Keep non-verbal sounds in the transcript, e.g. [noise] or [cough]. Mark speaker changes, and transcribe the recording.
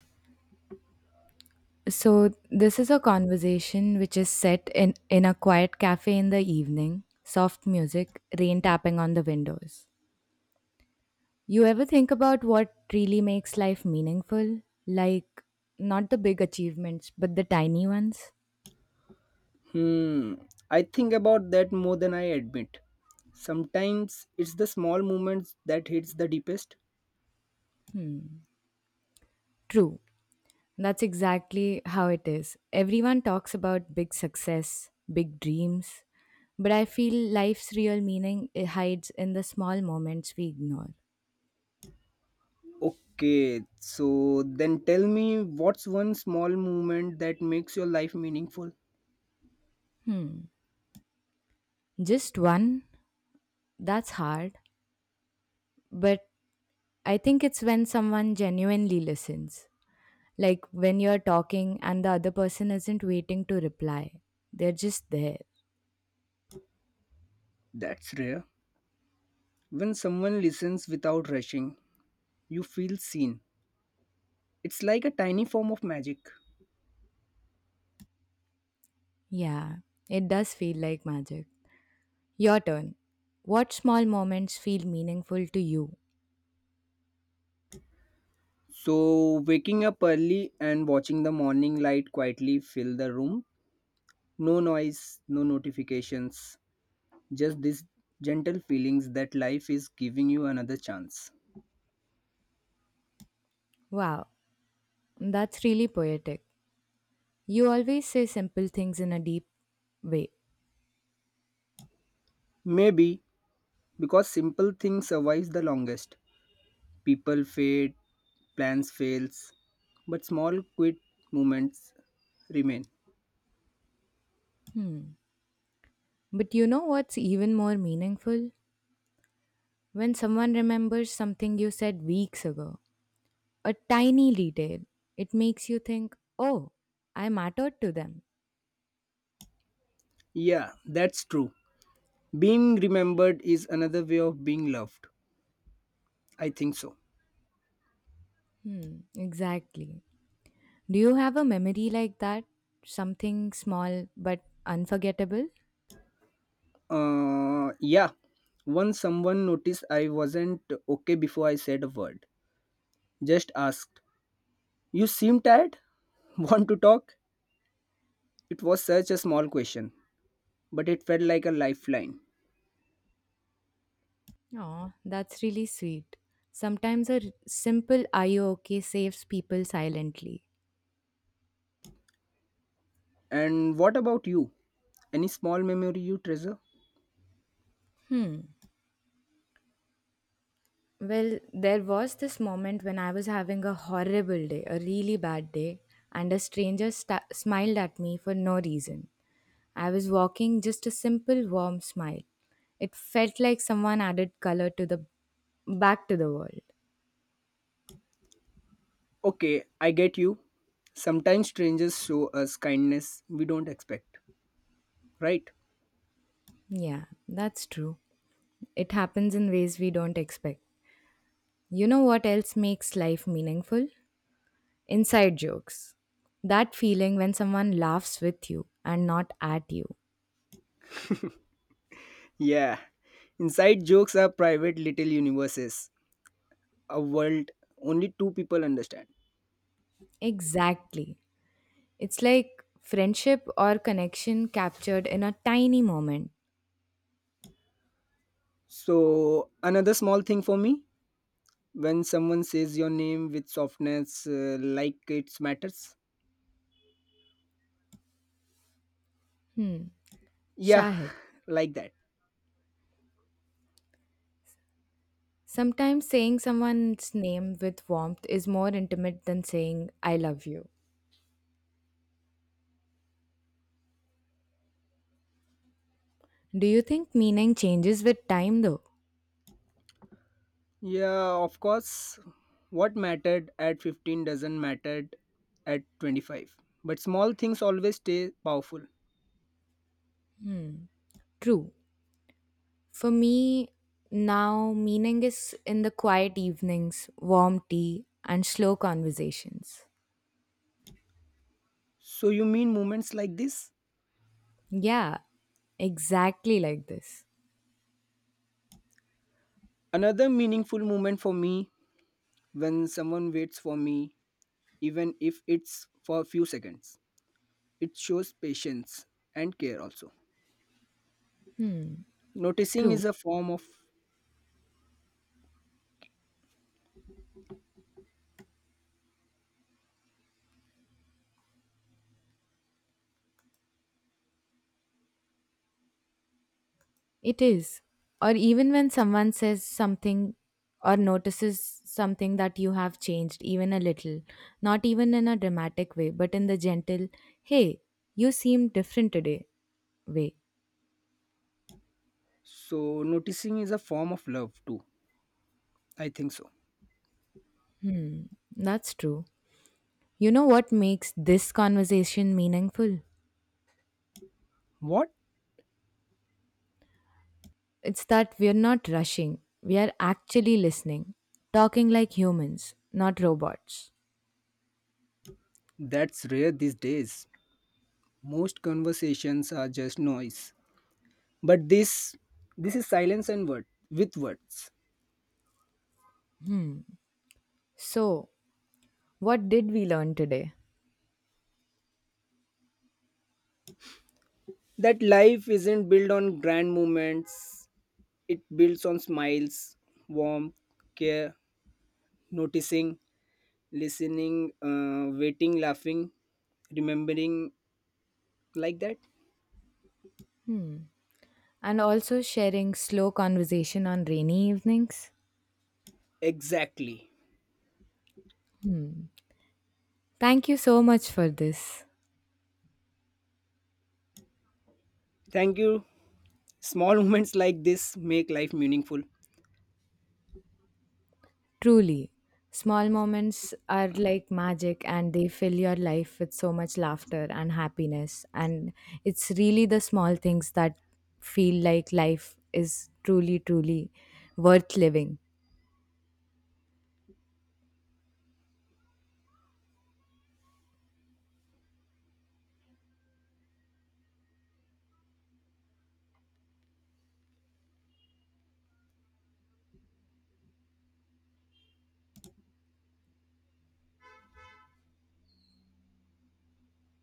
Speaker 1: So, this is a conversation which is set in a quiet cafe in the evening, soft music, rain tapping on the windows. You ever think about what really makes life meaningful? Like, not the big achievements, but the tiny ones?
Speaker 2: Hmm, I think about that more than I admit. Sometimes it's the small moments that hits the deepest.
Speaker 1: True. That's exactly how it is. Everyone talks about big success, big dreams, but I feel life's real meaning it hides in the small moments we ignore.
Speaker 2: Okay, so then tell me, what's one small moment that makes your life meaningful?
Speaker 1: Just one? That's hard. But I think it's when someone genuinely listens. Like when you're talking and the other person isn't waiting to reply, they're just there.
Speaker 2: That's rare. When someone listens without rushing, you feel seen. It's like a tiny form of magic.
Speaker 1: Yeah, it does feel like magic. Your turn. What small moments feel meaningful to you?
Speaker 2: So, waking up early and watching the morning light quietly fill the room. No noise, no notifications, just these gentle feelings that life is giving you another chance.
Speaker 1: Wow, that's really poetic. You always say simple things in a deep way.
Speaker 2: Maybe because simple things survive the longest. People fade, plans fails, but small quiet moments remain.
Speaker 1: But you know what's even more meaningful? When someone remembers something you said weeks ago a tiny detail. It makes you think, oh, I mattered to them.
Speaker 2: Yeah, that's true. Being remembered is another way of being loved. I think so.
Speaker 1: Hmm, exactly. Do you have a memory like that? Something small but unforgettable?
Speaker 2: Yeah. Once someone noticed I wasn't okay before I said a word. Just asked, "You seem tired? [laughs] Want to talk?" It was such a small question, but it felt like a lifeline.
Speaker 1: Oh, that's really sweet. Sometimes a simple are you okay saves people silently.
Speaker 2: And what about you? Any small memory you treasure?
Speaker 1: Well, there was this moment when I was having a horrible day, a really bad day, and a stranger sta smiled at me for no reason. I was walking just a simple warm smile. It felt like someone added color to the back to the world.
Speaker 2: Okay, I get you. Sometimes strangers show us kindness we don't expect, right?
Speaker 1: Yeah, that's true. It happens in ways we don't expect. You know what else makes life meaningful? Inside jokes. That feeling when someone laughs with you and not at you.
Speaker 2: Yeah. Inside jokes are private little universes, a world only two people understand.
Speaker 1: Exactly. It's like friendship or connection captured in a tiny moment.
Speaker 2: So, another small thing for me, when someone says your name with softness, like it matters. Yeah,
Speaker 1: Shahid.
Speaker 2: [laughs] like that.
Speaker 1: Sometimes saying someone's name with warmth is more intimate than saying, I love you. Do you think meaning changes with time though?
Speaker 2: Yeah, of course. What mattered at 15 doesn't matter at 25. But small things always stay powerful.
Speaker 1: True. For me, now meaning is in the quiet evenings, warm tea, and slow conversations.
Speaker 2: So you mean moments like this?
Speaker 1: Yeah, exactly like this.
Speaker 2: Another meaningful moment for me, when someone waits for me, even if it's for a few seconds. It shows patience and care also. Noticing
Speaker 1: True.
Speaker 2: is a form of,
Speaker 1: It is. Or even when someone says something or notices something that you have changed, even a little, not even in a dramatic way, but in the gentle, hey, you seem different today way.
Speaker 2: so noticing is a form of love too. I think so.
Speaker 1: That's true. You know what makes this conversation meaningful?
Speaker 2: What?
Speaker 1: It's that we're not rushing, we are actually listening, talking like humans, not robots.
Speaker 2: That's rare these days. Most conversations are just noise, but this is silence and word with words.
Speaker 1: So, what did we learn today?
Speaker 2: That life isn't built on grand moments, it builds on smiles, warmth, care, noticing, listening, waiting, laughing, remembering, like that.
Speaker 1: And also sharing slow conversation on rainy evenings.
Speaker 2: Exactly.
Speaker 1: Thank you so much for this.
Speaker 2: Thank you. Small [laughs] moments like this make life meaningful.
Speaker 1: Truly, small moments are like magic and they fill your life with so much laughter and happiness. And it's really the small things that feel like life is truly, truly worth living.